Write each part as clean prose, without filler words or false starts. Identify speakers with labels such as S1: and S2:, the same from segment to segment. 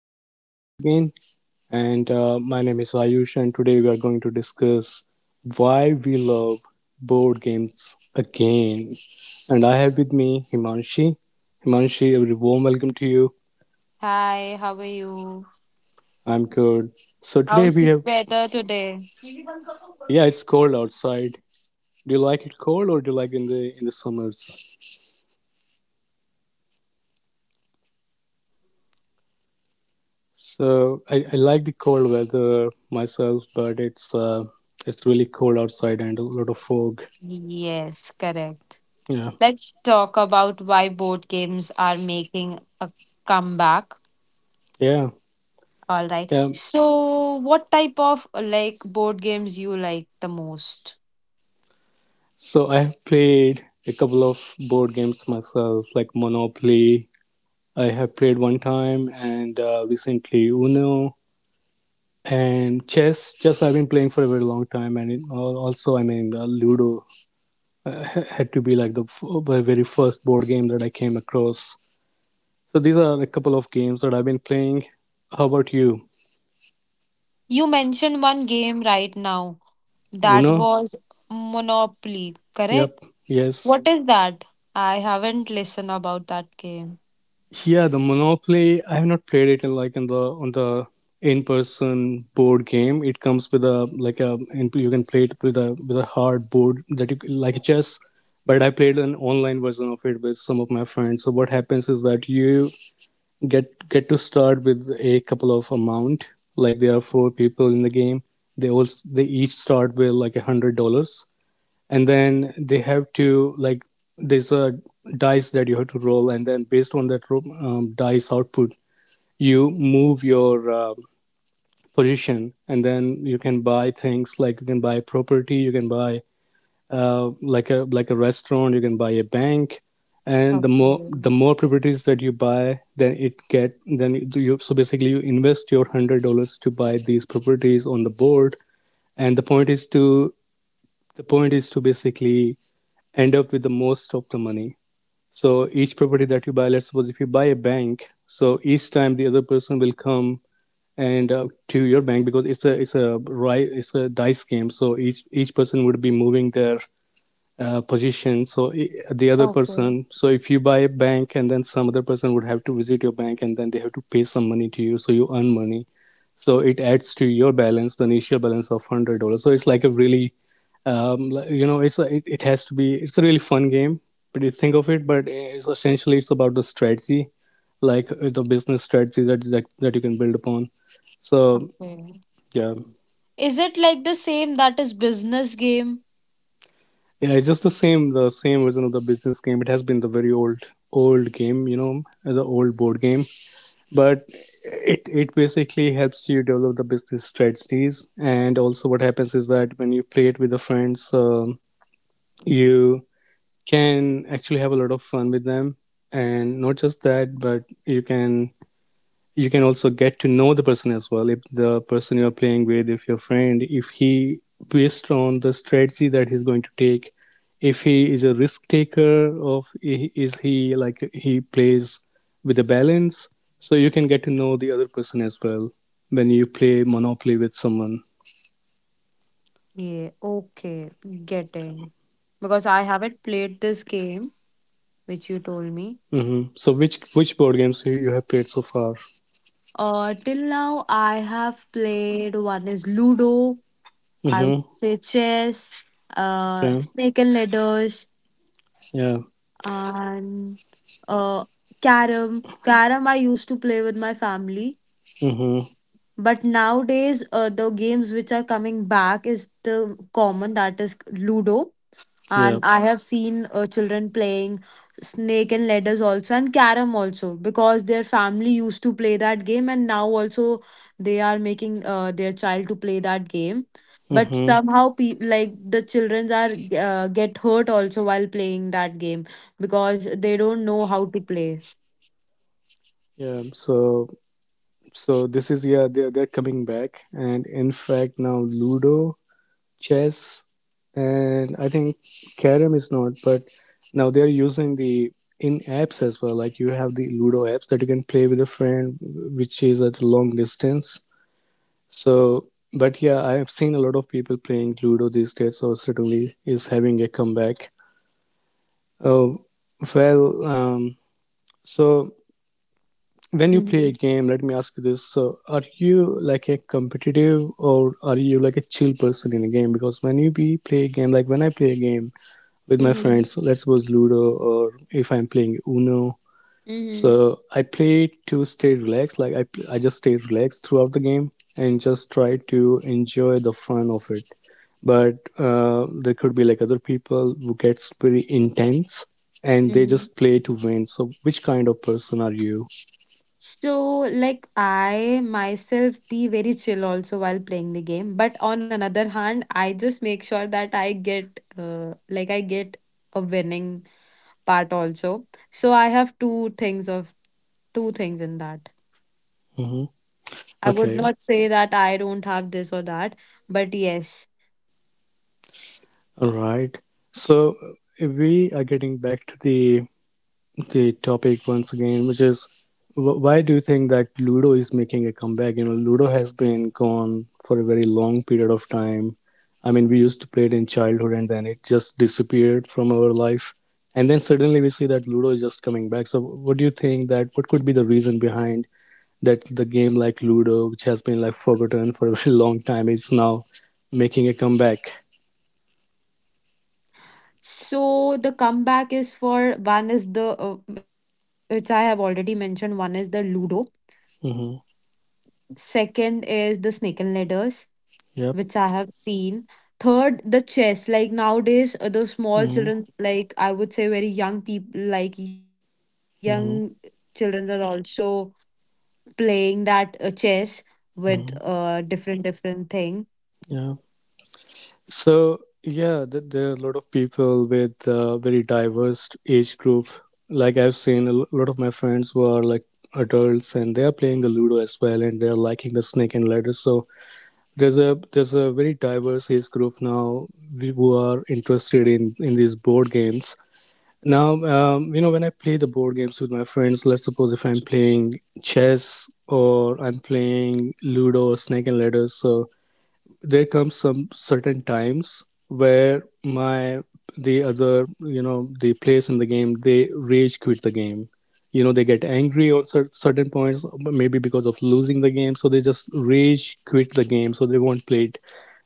S1: to our listeners again. And my name is Ayush, and today we are going to discuss why we love board games again. And I have with me Himanshi. Himanshi, a very warm welcome to you.
S2: Hi, how are you?
S1: I'm good. So today
S2: How's the weather today?
S1: yeah, it's cold outside. Do you like it cold or do you like in the summers? So I like the cold weather myself, but it's really cold outside and a lot of fog.
S2: Yes, correct.
S1: Yeah.
S2: Let's talk about why board games are making a comeback.
S1: Yeah,
S2: All right.
S1: yeah.
S2: So, what type of board games you like the most?
S1: So I have played a couple of board games myself, like Monopoly. I have played one time, and recently Uno and chess. Chess I've been playing for a very long time, and also, I mean, Ludo had to be like the very first board game that I came across. So these are a couple of games that I've been playing. How about you?
S2: You mentioned one game right now. That
S1: Uno?
S2: was Monopoly, correct?
S1: Yep.
S2: What
S1: Yes.
S2: is that? I haven't listened about that game.
S1: Yeah, the Monopoly. I have not played it in, like, in the on the in-person board game. It comes with a, like, a, and you can play it with a hard board that you like a chess. But I played an online version of it with some of my friends. So what happens is that you get to start with a couple of amount. Like there are four people in the game. They each start with like $100, and then they have to like there's a dice that you have to roll, and then based on that dice output you move your position, and then you can buy things. Like you can buy property, you can buy like a restaurant, you can buy a bank. And the more
S2: Okay.
S1: the more properties that you buy, then it get then you so basically you invest your $100 to buy these properties on the board. And the point is to basically end up with the most of the money. So each property that you buy, let's suppose if you buy a bank, so each time the other person will come and to your bank, because it's a dice game. So each person would be moving their position. So the other
S2: Okay.
S1: person so if you buy a bank, and then some other person would have to visit your bank, and then they have to pay some money to you, so you earn money, so it adds to your balance, the initial balance of $100. So it's like a really um, you know it's a, it has to be it's a really fun game. But you think of it, but it's essentially it's about the strategy, like the business strategy that you can build upon, so
S2: Okay.
S1: yeah.
S2: Is it like the same that is business game?
S1: Yeah, it's just the same version of the business game. It has been the very old, old game, you know, the old board game. But it basically helps you develop the business strategies. And also, what happens is that when you play it with the friends, you can actually have a lot of fun with them. And not just that, but you can also get to know the person as well, if the person you're playing with, if your friend, if he, based on the strategy that he's going to take, if he is a risk taker, of is he like he plays with a balance. So you can get to know the other person as well when you play monopoly with someone.
S2: Yeah, okay, getting. Because I haven't played this game, which you told me.
S1: Mm-hmm. So which board games you have played so far?
S2: Till now, I have played one is Ludo, I would
S1: Mm-hmm.
S2: say chess,
S1: Okay,
S2: snake and ladders,
S1: yeah.
S2: and uh, carom. Carom I used to play with my family,
S1: Mm-hmm.
S2: but nowadays, the games which are coming back is the common that is Ludo, and
S1: Yeah.
S2: I have seen children playing snake and ladders also and carom also because their family used to play that game and now also they are making their child to play that game, but
S1: Mm-hmm.
S2: somehow like the children are get hurt also while playing that game because they don't know how to play.
S1: Yeah. so So this is, yeah, they're coming back, and in fact now Ludo, chess, and I think Carom is not, but now they're using the in apps as well. Like you have the Ludo apps that you can play with a friend, which is at a long distance. So, but yeah, I have seen a lot of people playing Ludo these days. So certainly is having a comeback. Oh well, so when you
S2: Mm-hmm.
S1: play a game, let me ask you this, so are you like a competitive or are you like a chill person in a game? Because when I play a game with my
S2: Mm-hmm.
S1: friends, so let's suppose Ludo, or if I'm playing Uno, so I play to stay relaxed, I just stay relaxed throughout the game and just try to enjoy the fun of it. But there could be like other people who gets pretty intense, and they
S2: Mm-hmm.
S1: just play to win, so which kind of person are you?
S2: So, like, I myself be very chill also while playing the game. But on another hand, I just make sure that I get, like, I get a winning part also. So, I have two things of two things in that.
S1: Hmm.
S2: I would
S1: Okay.
S2: not say that I don't have this or that, but yes.
S1: Alright. So we are getting back to the topic once again, which is, why do you think that Ludo is making a comeback? You know, Ludo has been gone for a very long period of time. I mean, we used to play it in childhood, and then it just disappeared from our life. And then suddenly we see that Ludo is just coming back. So, what do you think that what could be the reason behind that the game like Ludo, which has been like forgotten for a very long time, is now making a comeback?
S2: So, the comeback is for one is which I have already mentioned, one is the Ludo,
S1: Mm-hmm.
S2: second is the Snake and Ladders which I have seen. Third, the chess. Like nowadays, those small
S1: Yep.
S2: children, like I would say, very young people, like young children,
S1: Hmm.
S2: are also playing that chess with
S1: Hmm.
S2: different different thing.
S1: Yeah. So yeah, there are a lot of people with very diverse age group. Like I've seen a lot of my friends who are like adults, and they are playing the Ludo as well, and they're liking the Snake and Ladder. So there's a very diverse age group now, who are interested in these board games. Now, when I play the board games with my friends, let's suppose if I'm playing chess, or I'm playing Ludo or Snake and Ladder, so there comes some certain times where my the other you know the players in the game, they rage quit the game. You know, they get angry on certain points, maybe because of losing the game, so they just rage quit the game, so they won't play it.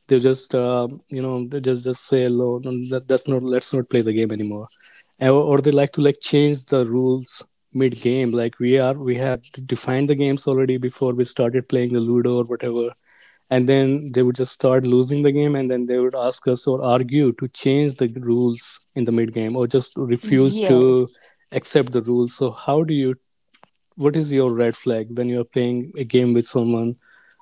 S1: They just just say no, no, that's not, let's not play the game anymore. Or they like to like change the rules mid game, like we have defined the games already before we started playing the Ludo or whatever. And then they would just start losing the game, and then they would ask us or argue to change the rules in the mid game, or just refuse to
S2: Yes.
S1: accept the rules. So how do you what is your red flag when you're playing a game with someone?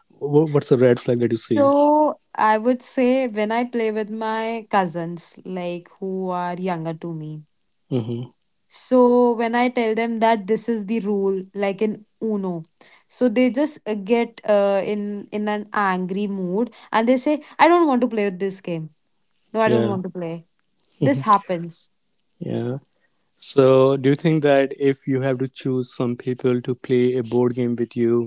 S1: What's a red flag that you see?
S2: So I would say when I play with my cousins, like who are younger to me.
S1: Hmm.
S2: So when I tell them that this is the rule, like in Uno, so they just get in an angry mood and they say, "I don't want to play with this game. No, I don't
S1: Yeah.
S2: want to play." This happens.
S1: Yeah, so do you think that if you have to choose some people to play a board game with you,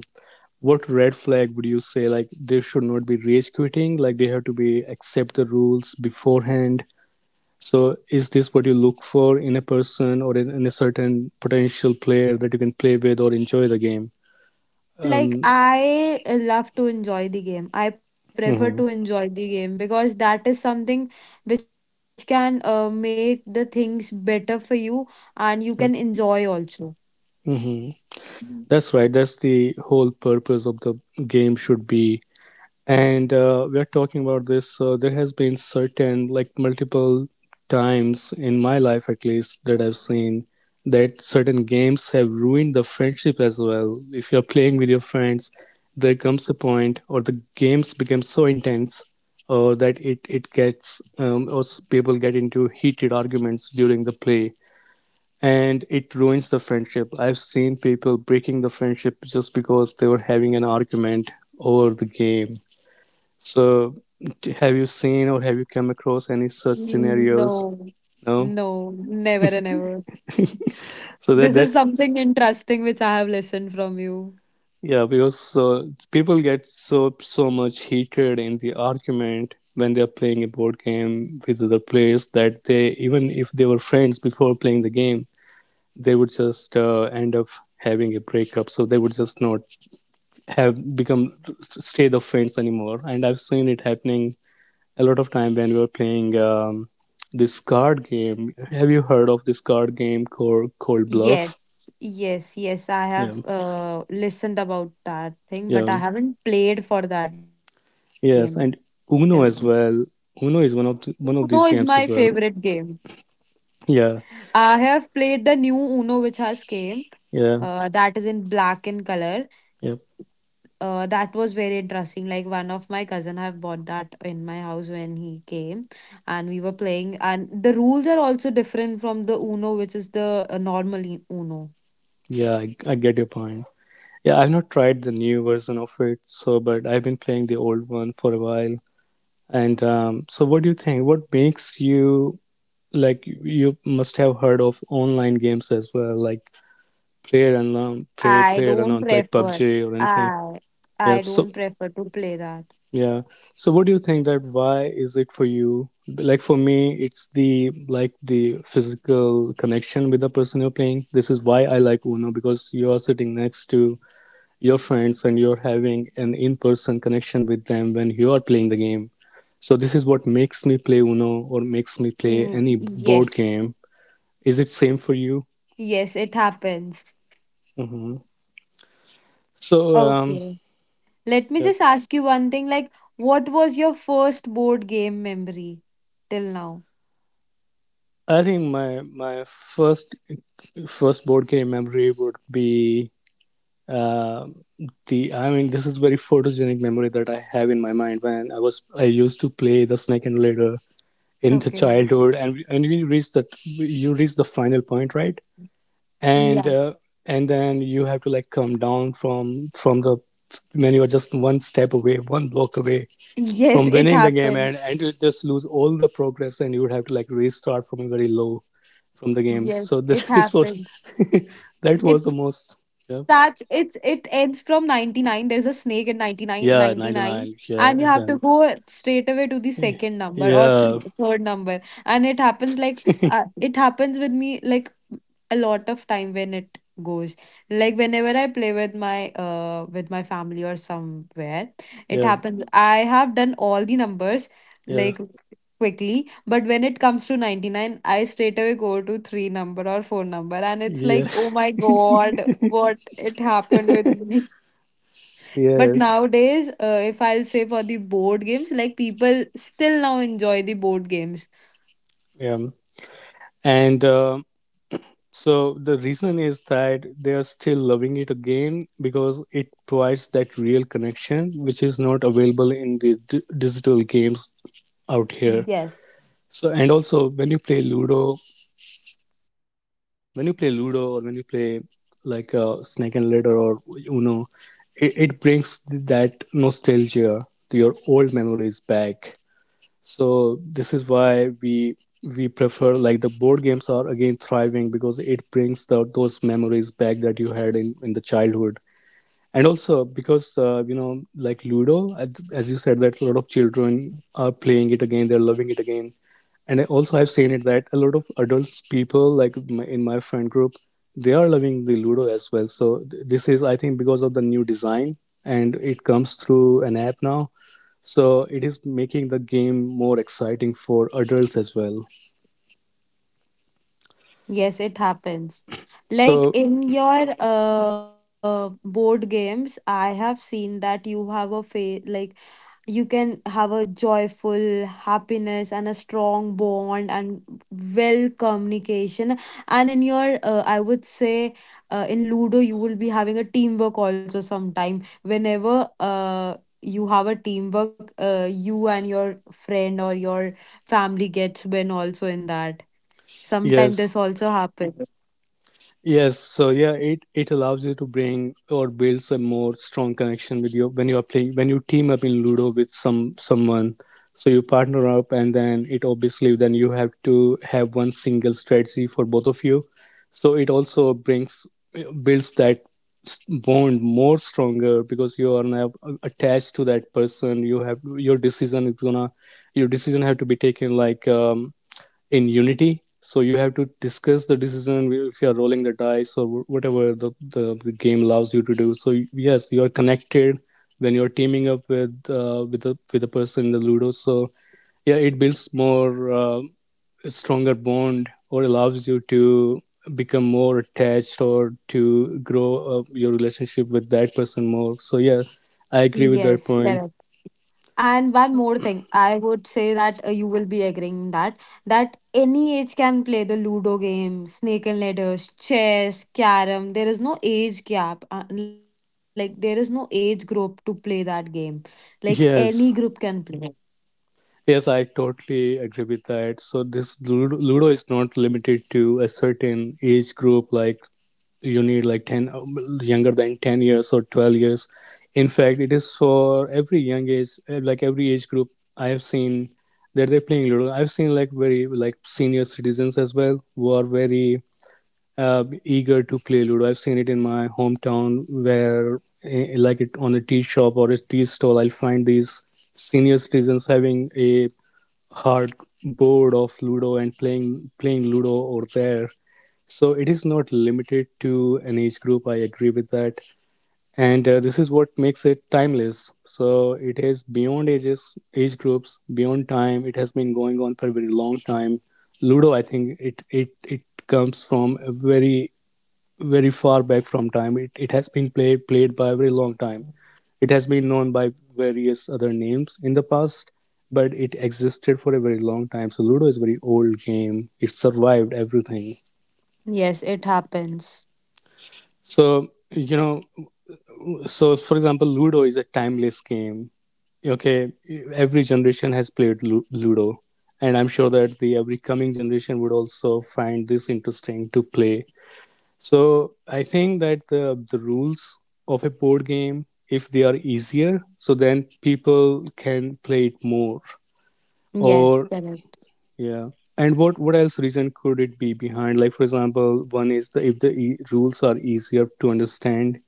S1: what red flag would you say, like they should not be rage quitting, like they have to be accept the rules beforehand? So, is this what you look for in a person, or in a certain potential player that you can play with or enjoy the game? Um,
S2: Like I love to enjoy the game. I prefer to
S1: mhm.
S2: enjoy the game because that is something which can make the things better for you, and you can enjoy
S1: Yeah.
S2: also.
S1: Mhm. That's right. That's the whole purpose of the game should be. And we are talking about this, so there has been certain like multiple times in my life, at least, that I've seen, that certain games have ruined the friendship as well. If you're playing with your friends, there comes a point or the games become so intense, or that it gets or s- people get into heated arguments during the play, and it ruins the friendship. I've seen people breaking the friendship just because they were having an argument over the game. So, have you seen or have you come across any such
S2: No,
S1: scenarios? No.
S2: no, never and ever.
S1: So
S2: This
S1: that
S2: is
S1: that's
S2: something interesting which I have listened from you.
S1: yeah, because people get so much heated in the argument when they are playing a board game with other players, that they, even if they were friends before playing the game, they would just end up having a breakup. So they would just not have become stay the friends anymore. And I've seen it happening a lot of time when we were playing this card game. Have you heard of this card game called Bluff?
S2: Yes, yes, yes. I
S1: Yeah,
S2: have listened about that thing, but
S1: yeah,
S2: I haven't played for that game till
S1: yes, and
S2: now.
S1: Uno as well. Uno is
S2: Uno is
S1: one of
S2: my
S1: these games as
S2: favorite
S1: well.
S2: game.
S1: Yeah,
S2: I have played the new Uno which has came.
S1: yeah,
S2: That is in black in color.
S1: yeah,
S2: That was very interesting. Like one of my cousin have bought that in my house when he came, and we were playing. And the rules are also different from the Uno, which is the normal Uno.
S1: yeah. I get your point. Yeah, I've not tried the new version of it, so but I've been playing the old one for a while. And so, what do you think? What makes you like? You must have heard of online games as well, like Player play
S2: I
S1: player and
S2: don't
S1: unknown, like
S2: prefer.
S1: PUBG or anything.
S2: I
S1: Yeah.
S2: I
S1: So
S2: don't prefer to play that.
S1: yeah. So what do you think that why is it for you? Like for me, it's the like the physical connection with the person you're playing. This is why I like Uno because you are sitting next to your friends and you're having an in-person connection with them when you are playing the game. So this is what makes me play Uno or makes me play
S2: Mm,
S1: any board
S2: yes.
S1: game. Is it same for you?
S2: Yes, it happens.
S1: Hmm. So um,
S2: Okay. Let me
S1: yep.
S2: just ask you one thing, like what was your first board game memory till now?
S1: I think my first board game memory would be uh, the, this is very photogenic memory that I have in my mind when I was, I used to play the snake and ladder in the
S2: Okay.
S1: childhood, and you reach that, you reach the final point, right? And
S2: Yeah.
S1: and then you have to like come down from the, when you are just one step away, one block away
S2: Yes,
S1: from
S2: it
S1: winning the game,
S2: happens.
S1: and you just lose all the progress and you would have to like restart from a very low, from the game. So
S2: Yes, it
S1: this was
S2: happens.
S1: that
S2: It
S1: was the
S2: starts
S1: most,
S2: it
S1: yeah.
S2: it ends from 99. There's a snake in 99, ninety
S1: Yeah,
S2: nine,
S1: 99,
S2: and you
S1: yeah,
S2: have to
S1: and then
S2: go straight away to the second number or three,
S1: yeah, yeah,
S2: third number. And it happens like it happens with me like a lot of time when it goes, like whenever I play with my family or somewhere. It
S1: yeah,
S2: happens I have done all the numbers like quickly, but when it comes to 99, I straight away go to three number or four number, and it's
S1: yeah
S2: like, oh my god, what it happened with me. But
S1: yes,
S2: nowadays, if I'll say for the board games, like people still now enjoy the board games.
S1: yeah. and So the reason is that they are still loving it again because it provides that real connection which is not available in the digital games out here.
S2: Yes,
S1: So, and also when you play Ludo, when you play Ludo or when you play like Snake and Ladder or Uno, it brings that nostalgia, your old memories back. So this is why we prefer, like the board games are again thriving because it brings those memories back that you had in the childhood, and also because you know like Ludo, as you said that a lot of children are playing it again, they're loving it again. And I also have seen it that a lot of adults people like in my friend group, they are loving the Ludo as well. So this is, I think, because of the new design and it comes through an app now, so it is making the game more exciting for adults as well.
S2: yes, it happens. Like
S1: So
S2: in your board games, I have seen that you have a fa like you can have a joyful happiness and a strong bond and well communication. And in your I would say in Ludo you will be having a teamwork also sometime, whenever you have a teamwork you and your friend or your family gets win also in that sometimes. This
S1: yes.
S2: also happens.
S1: Yes, so yeah, it allows you to bring or builds a more strong connection with you when you are playing, when you team up in Ludo with someone. So you partner up, and then it obviously, then you have to have one single strategy for both of you. So it also brings builds that bond more stronger because you are now attached to that person. You have your decision is gonna Your decision have to be taken like. In unity, so you have to discuss the decision if you are rolling the dice or whatever the game allows you to do. So yes, you are connected when you're teaming up with a, person in the Ludo. So yeah, it builds more stronger bond or allows you to become more attached or to grow your relationship with that person more. So yes, I agree
S2: Yes,
S1: with that
S2: correct.
S1: point.
S2: And one more thing, I would say that you will be agreeing that any age can play the Ludo game, snake and ladders, chess, carom. There is no age gap. Like there is no age group to play that game. Like any group can
S1: Yes.
S2: play.
S1: Yes, I totally agree with that. So this Ludo is not limited to a certain age group. Like you need like 10, younger than 10 years or 12 years. In fact, it is for every young age, like every age group I have seen that they're playing Ludo. I've seen like very like senior citizens as well who are very eager to play Ludo. I've seen it in my hometown where, like it on a tea shop or a tea stall, I'll find these senior citizens having a hard board of Ludo and playing Ludo over there. So it is not limited to an age group. I agree with that, and this is what makes it timeless. So it is beyond ages, age groups, beyond time. It has been going on for a very long time. Ludo, I think it comes from a very, very far back from time. It has been played by a very long time. It has been known by various other names in the past, but it existed for a very long time. So Ludo is a very old game, it survived everything.
S2: Yes, it happens.
S1: So you know, so for example, Ludo is a timeless game. Okay, every generation has played Ludo, and I'm sure that the every coming generation would also find this interesting to play. So I think that the rules of a board game, if they are easier, so then people can play it more, or
S2: Yes, correct.
S1: yeah. And what else reason could it be behind? Like for example, one is the if the rules are easier to understand,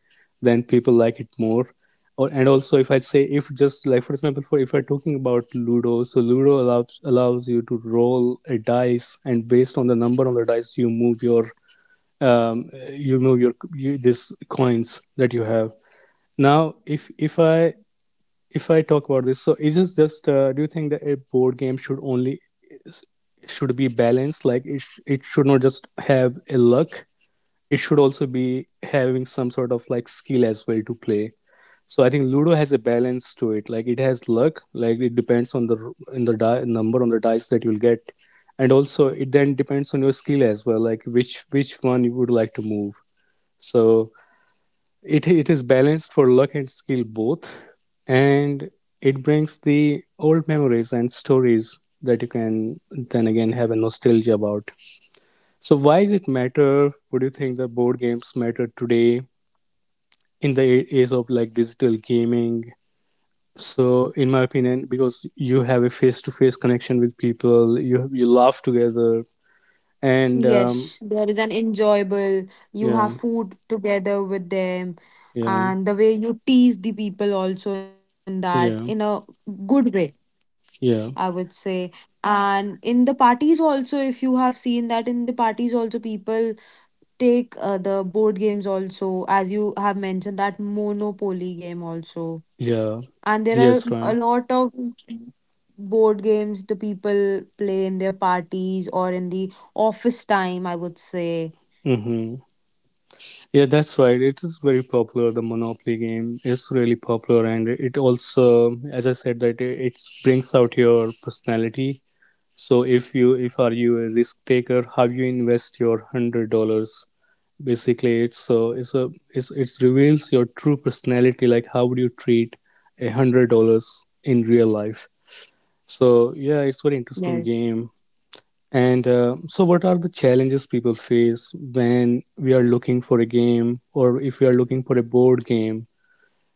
S1: then people like it more. Or, and also if I say, if just like for example, for if we're talking about Ludo, so Ludo allows you to roll a dice, and based on the number on the dice, you move your you this coins that you have. Now if I talk about this, so is it just? Do you think that a board game should be balanced? Like it, it should not just have a luck. It should also be having some sort of like skill as well to play. So I think Ludo has a balance to it. Like it has luck. Like it depends on the, number on the dice that you'll get, and also it then depends on your skill as well. Like which one you would like to move. So it is balanced for luck and skill both, and it brings the old memories and stories that you can then again have a nostalgia about. So why does it matter? Would you think the board games matter today in the age of like digital gaming? So in my opinion, because you have a face-to-face connection with people, you laugh together, and
S2: Yes, there is an enjoyable. You
S1: yeah,
S2: have food together with them,
S1: yeah,
S2: and the way you tease the people also in that in
S1: yeah,
S2: a good way,
S1: yeah,
S2: I would say. And in the parties also, if you have seen that in the parties also, people take the board games also, as you have mentioned, that Monopoly game also.
S1: yeah,
S2: And there are
S1: yes,
S2: a
S1: Ryan.
S2: lot of board games the people play in their parties or in the office time, I would say.
S1: Mm-hmm. Yeah, that's right. It is very popular. The Monopoly game is really popular, and it also, as I said, that it brings out your personality. So if you, if are you a risk taker, how you invest your $100, basically, it's so it's a it's it's reveals your true personality. Like how would you treat $100 in real life? So yeah, it's very interesting
S2: Yes.
S1: game. And so, what are the challenges people face when we are looking for a game, or if we are looking for a board game?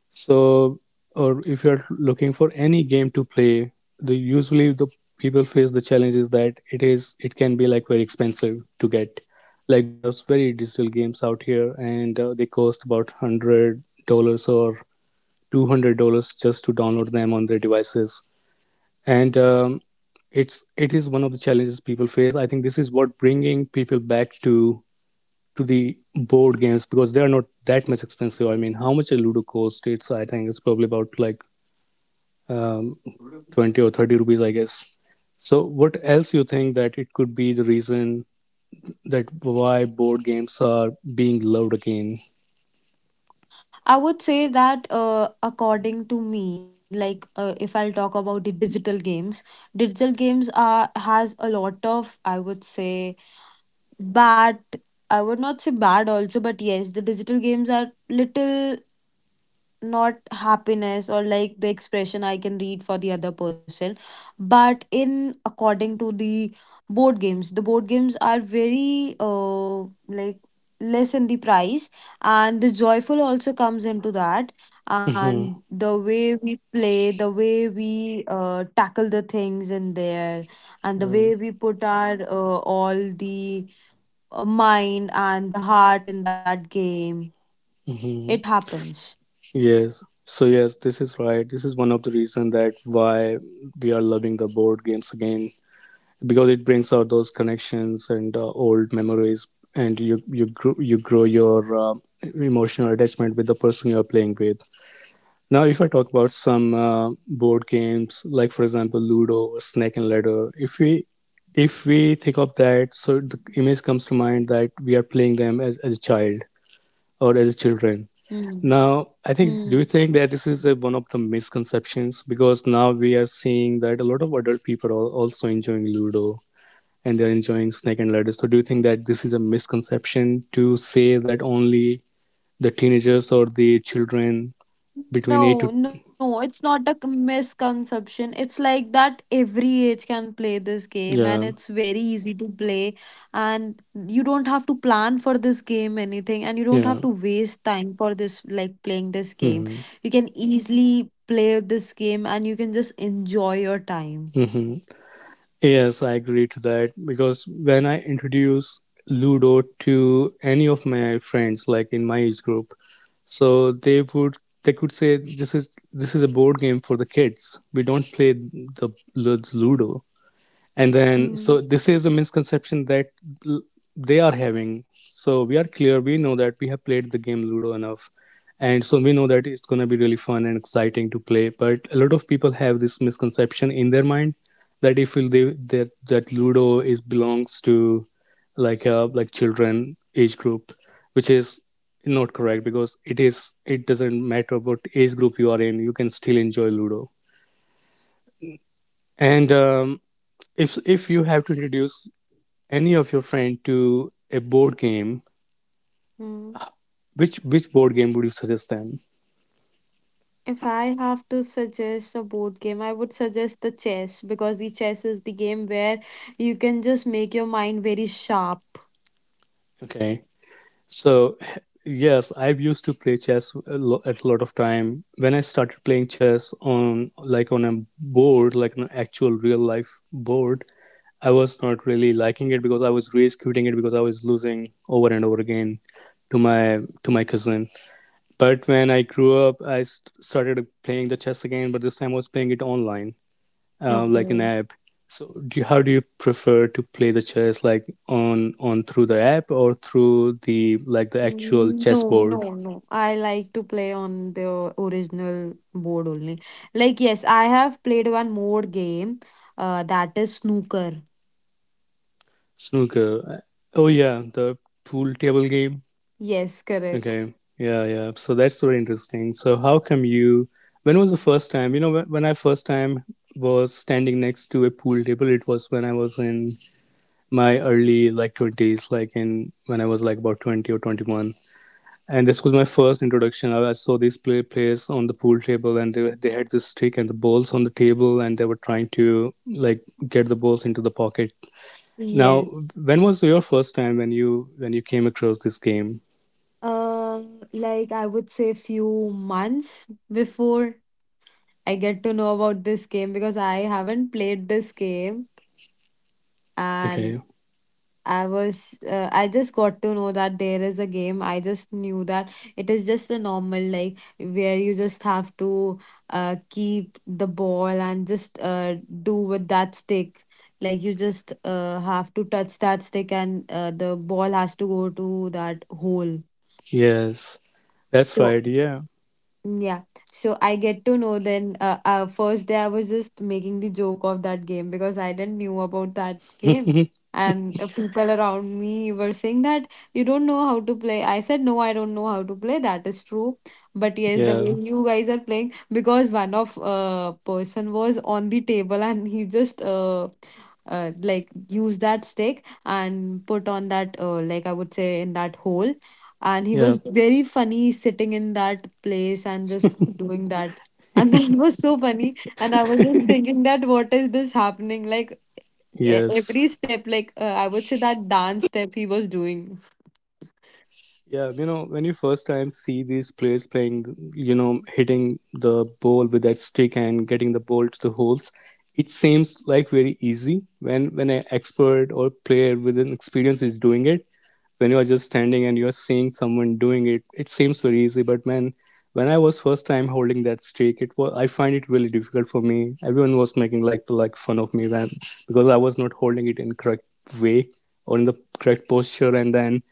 S1: So, or if you're looking for any game to play, the usually the people face the challenge is that it can be like very expensive to get. Like there are very digital games out here, and they cost about $100 or $200 just to download them on their devices, and it is one of the challenges people face. I think this is what bringing people back to the board games, because they are not that much expensive. I mean, how much a Ludo cost? It's, I think it's probably about like um, 20 or 30 rupees, I guess. So what else you think that it could be the reason that why board games are being loved again?
S2: I would say that according to me, like if I'll talk about the digital games are has a lot of, I would say, bad. I would not say bad also, but yes, the digital games are little not happiness or like the expression I can read for the other person, but in according to the board games. The board games are very like less in the price, and the joyful also comes into that, and
S1: Hmm.
S2: the way we play, the way we tackle the things in there, and the
S1: Um,
S2: way we put our all the mind and the heart in that game, it
S1: mhm.
S2: happens.
S1: Yes, so yes, this is right. This is one of the reason that why we are loving the board games again, because it brings out those connections and old memories, and you grow, your emotional attachment with the person you're playing with. Now if I talk about some board games, like for example Ludo or Snake and Ladder, if we, if we think of that, so the image comes to mind that we are playing them as a child or as children.
S2: Hmm.
S1: Now I think, do you think that this is a, one of the misconceptions, because now we are seeing that a lot of adult people are also enjoying Ludo and they're enjoying Snake and Ladders. So do you think that this is a misconception to say that only the teenagers or the children between eight to,
S2: It's not a misconception. It's like that every age can play this game, and
S1: yeah,
S2: it's very easy to play, and you don't have to plan for this game anything, and you don't have
S1: yeah.
S2: to waste time for this like playing this game.
S1: Hmm.
S2: You can easily play this game, and you can just enjoy your time.
S1: Hmm. Yes, I agree to that because when I introduce Ludo to any of my friends like in my age group, so they would, they could say this is, this is a board game for the kids. We don't play the Ludo. And then
S2: Mm-hmm.
S1: so this is a misconception that they are having, so we are clear, we know that we have played the game ludo enough, and so we know that it's going to be really fun and exciting to play, but a lot of people have this misconception in their mind that if they that that ludo is belongs to like a like children age group, which is not correct because it doesn't matter what age group you are in, you can still enjoy ludo. And If you have to introduce any of your friend to a board game, which board game would you suggest them?
S2: If I have to suggest a board game, I would suggest the chess because the chess is the game where you can just make your mind very sharp.
S1: Okay, so yes, I've used to play chess at a lot of time. When I started playing chess on like on a board, like an actual real life board, I was not really liking it because I was raised quitting it because I was losing over and over again to my cousin. But when I grew up, I started playing the chess again, but this time I was playing it online. Like an
S2: Okay.
S1: app. So do you, how do you prefer to play the chess, like on through the app or through the like the actual
S2: Mm, no, no,
S1: chessboard?
S2: no. I like to play on the original board only. Like, yes, I have played one more game, that is snooker.
S1: Snooker? Oh yeah, the pool table game.
S2: Yes, correct.
S1: Okay, yeah, yeah. So that's very interesting. So how come you? When was the first time? You know, when I first time was standing next to a pool table, it was when I was in my early like 20s, like in when I was like about 20 or 21. And this was my first introduction. I saw these players on the pool table, and they had this stick and the balls on the table, and they were trying to like get the balls into the pocket. Now,
S2: Yes.
S1: when was your first time when you came across this game?
S2: Uh, like I would say few months before I get to know about this game because I haven't played this game. And
S1: Okay,
S2: I was, I just got to know that there is a game. I just knew that it is just a normal, like, where you just have to keep the ball and just do with that stick. Like, you just have to touch that stick and the ball has to go to that hole.
S1: yes, that's
S2: So
S1: right. Yeah,
S2: yeah, so I get to know then. First day I was just making the joke of that game because I didn't knew about that game, and the people around me were saying that you don't know how to play. I said no, I don't know how to play. That is true, but yes, the way
S1: yeah,
S2: you guys are playing, because one of person was on the table and he just like use that stick and put on that like I would say in that hole. And he
S1: yeah,
S2: was very funny sitting in that place and just doing that. And that was so funny and I was just thinking that what is this happening, like
S1: yes.
S2: every step like I would say that dance step he was doing.
S1: Yeah, you know, when you first time see these players playing, you know, hitting the ball with that stick and getting the ball to the holes, it seems like very easy when an expert or player with an experience is doing it. When you're just standing and you're seeing someone doing it, it seems very easy. But man, when I was first time holding that stake, it was, I find it really difficult for me. Everyone was making like fun of me when, because I was not holding it in correct way or in the correct posture. And then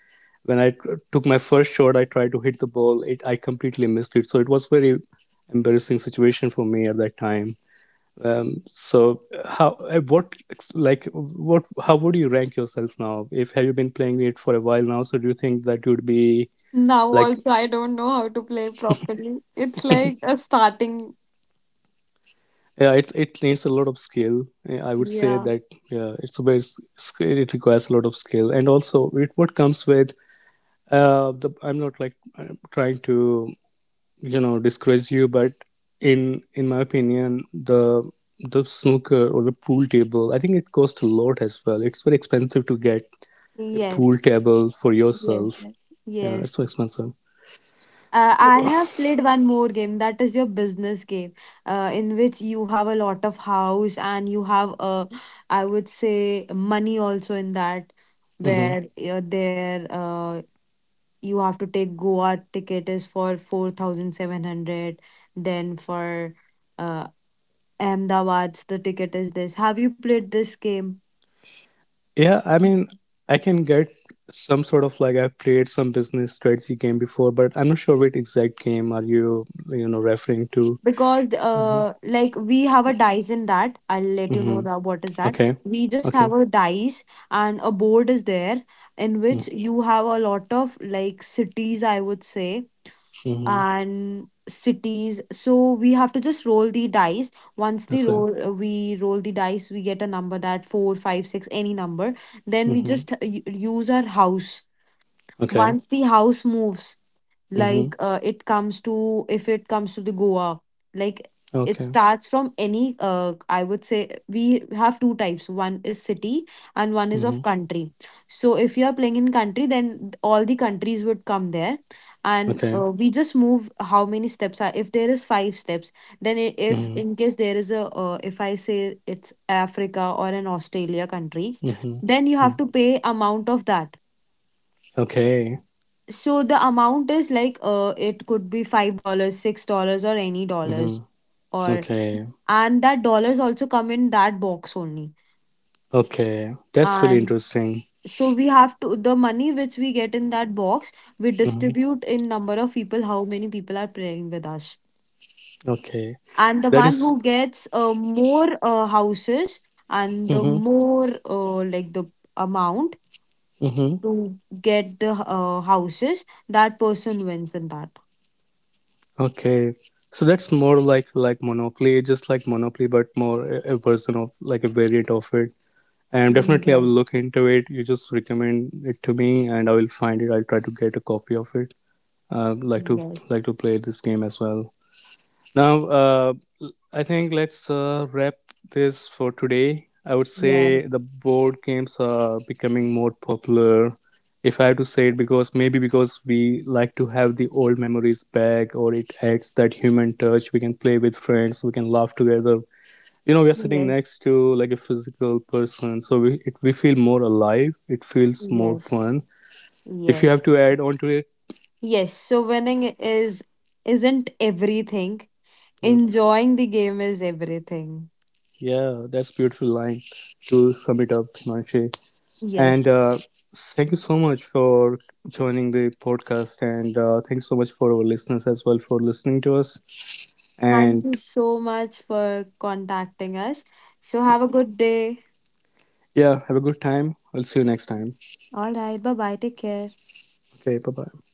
S1: when took my first shot, I tried to hit the ball, it, I completely missed it. So it was very embarrassing situation for me at that time. Um, so how uh, what like what how would you rank yourself now? If have you been playing it for a while now, so do you think that you'd be
S2: Now
S1: like
S2: also I don't know how to play properly, it's like a starting.
S1: yeah, it's, it needs a lot of skill. I would say
S2: Yeah.
S1: that yeah, it's a it requires a lot of skill, and also it what comes with. I'm not like trying to, you know, discourage you, but in my opinion, the snooker or the pool table, I think it costs a lot as well. It's very expensive to get a
S2: Yes,
S1: pool table for
S2: yes,
S1: yourself. Yeah,
S2: yes.
S1: it's so expensive.
S2: I have played one more game that is your business game, in which you have a lot of house, and you have I would say money also in that,
S1: Hmm.
S2: where there you have to take Goa ticket is for 4,700, then for uh, Ahmedabad's the ticket is this. Have you played this game?
S1: Yeah, I mean, I can get some sort of like, I've played some business strategy game before, but I'm not sure which exact game are you know referring to.
S2: Because like we have a dice in that, I'll let you know
S1: Mm-hmm.
S2: that what is that,
S1: Okay,
S2: we just
S1: okay.
S2: have a dice and a board is there in which you have a lot of like cities I would say
S1: Mm-hmm.
S2: and cities. So we have to just roll the dice. Once the
S1: That's it.
S2: roll we roll the dice, we get a number that 4, 5, 6 any number. Then we
S1: Mm-hmm.
S2: just use our house.
S1: Okay.
S2: Once the house moves,
S1: Mm-hmm.
S2: like it comes to, if it comes to the Goa, like it
S1: Okay.
S2: starts from any I would say we have two types, one is city and one is
S1: Mm-hmm.
S2: of country. So if you are playing in country, then all the countries would come there. And
S1: Okay.
S2: we just move how many steps are, if there is 5 steps, then if
S1: Mm-hmm.
S2: in case there is a if I say it's Africa or an Australia country,
S1: Mm-hmm.
S2: then you
S1: Mm-hmm.
S2: have to pay amount of that.
S1: Okay.
S2: So the amount is like it could be $5, $6 or any dollars.
S1: Mm-hmm.
S2: Or
S1: Okay.
S2: and that dollars also come in that box only.
S1: Okay. That's really
S2: And
S1: interesting.
S2: so we have to the money which we get in that box, we
S1: Mm-hmm.
S2: distribute in number of people, how many people are praying with us.
S1: Okay.
S2: And the
S1: That
S2: one
S1: is.
S2: who gets more houses and the
S1: Mm-hmm.
S2: more like the amount
S1: Mm-hmm.
S2: to get the houses, that person wins in that.
S1: Okay, so that's more like Monopoly, just like Monopoly, but more a version of like a variant of it. And
S2: Mm,
S1: definitely, I will
S2: yes,
S1: look into it. You just recommend it to me, and I will find it. I'll try to get a copy of it. Uh, like to
S2: yes.
S1: like to play this game as well. Now, uh, I think let's wrap this for today. I would say the
S2: Yes.
S1: board games are becoming more popular, if I have to say it, because maybe because we like to have the old memories back, or it adds that human touch. We can play with friends, we can laugh together. You know, we are sitting next
S2: Yes.
S1: to like a physical person, so we it, we feel more alive. It feels more
S2: Yes.
S1: fun. If you have
S2: Yes.
S1: to add on to it,
S2: Yes. So winning is isn't everything.
S1: yeah,
S2: Enjoying the game is everything.
S1: yeah, that's beautiful line to sum it up, Himanshu. And
S2: Yes.
S1: thank you so much for joining the podcast. And thanks so much for our listeners as well for listening to us.
S2: Thank
S1: And
S2: you so much for contacting us. So have a good day.
S1: yeah, have a good time. I'll see you next time.
S2: All right. Bye bye. Take care.
S1: Okay, bye bye.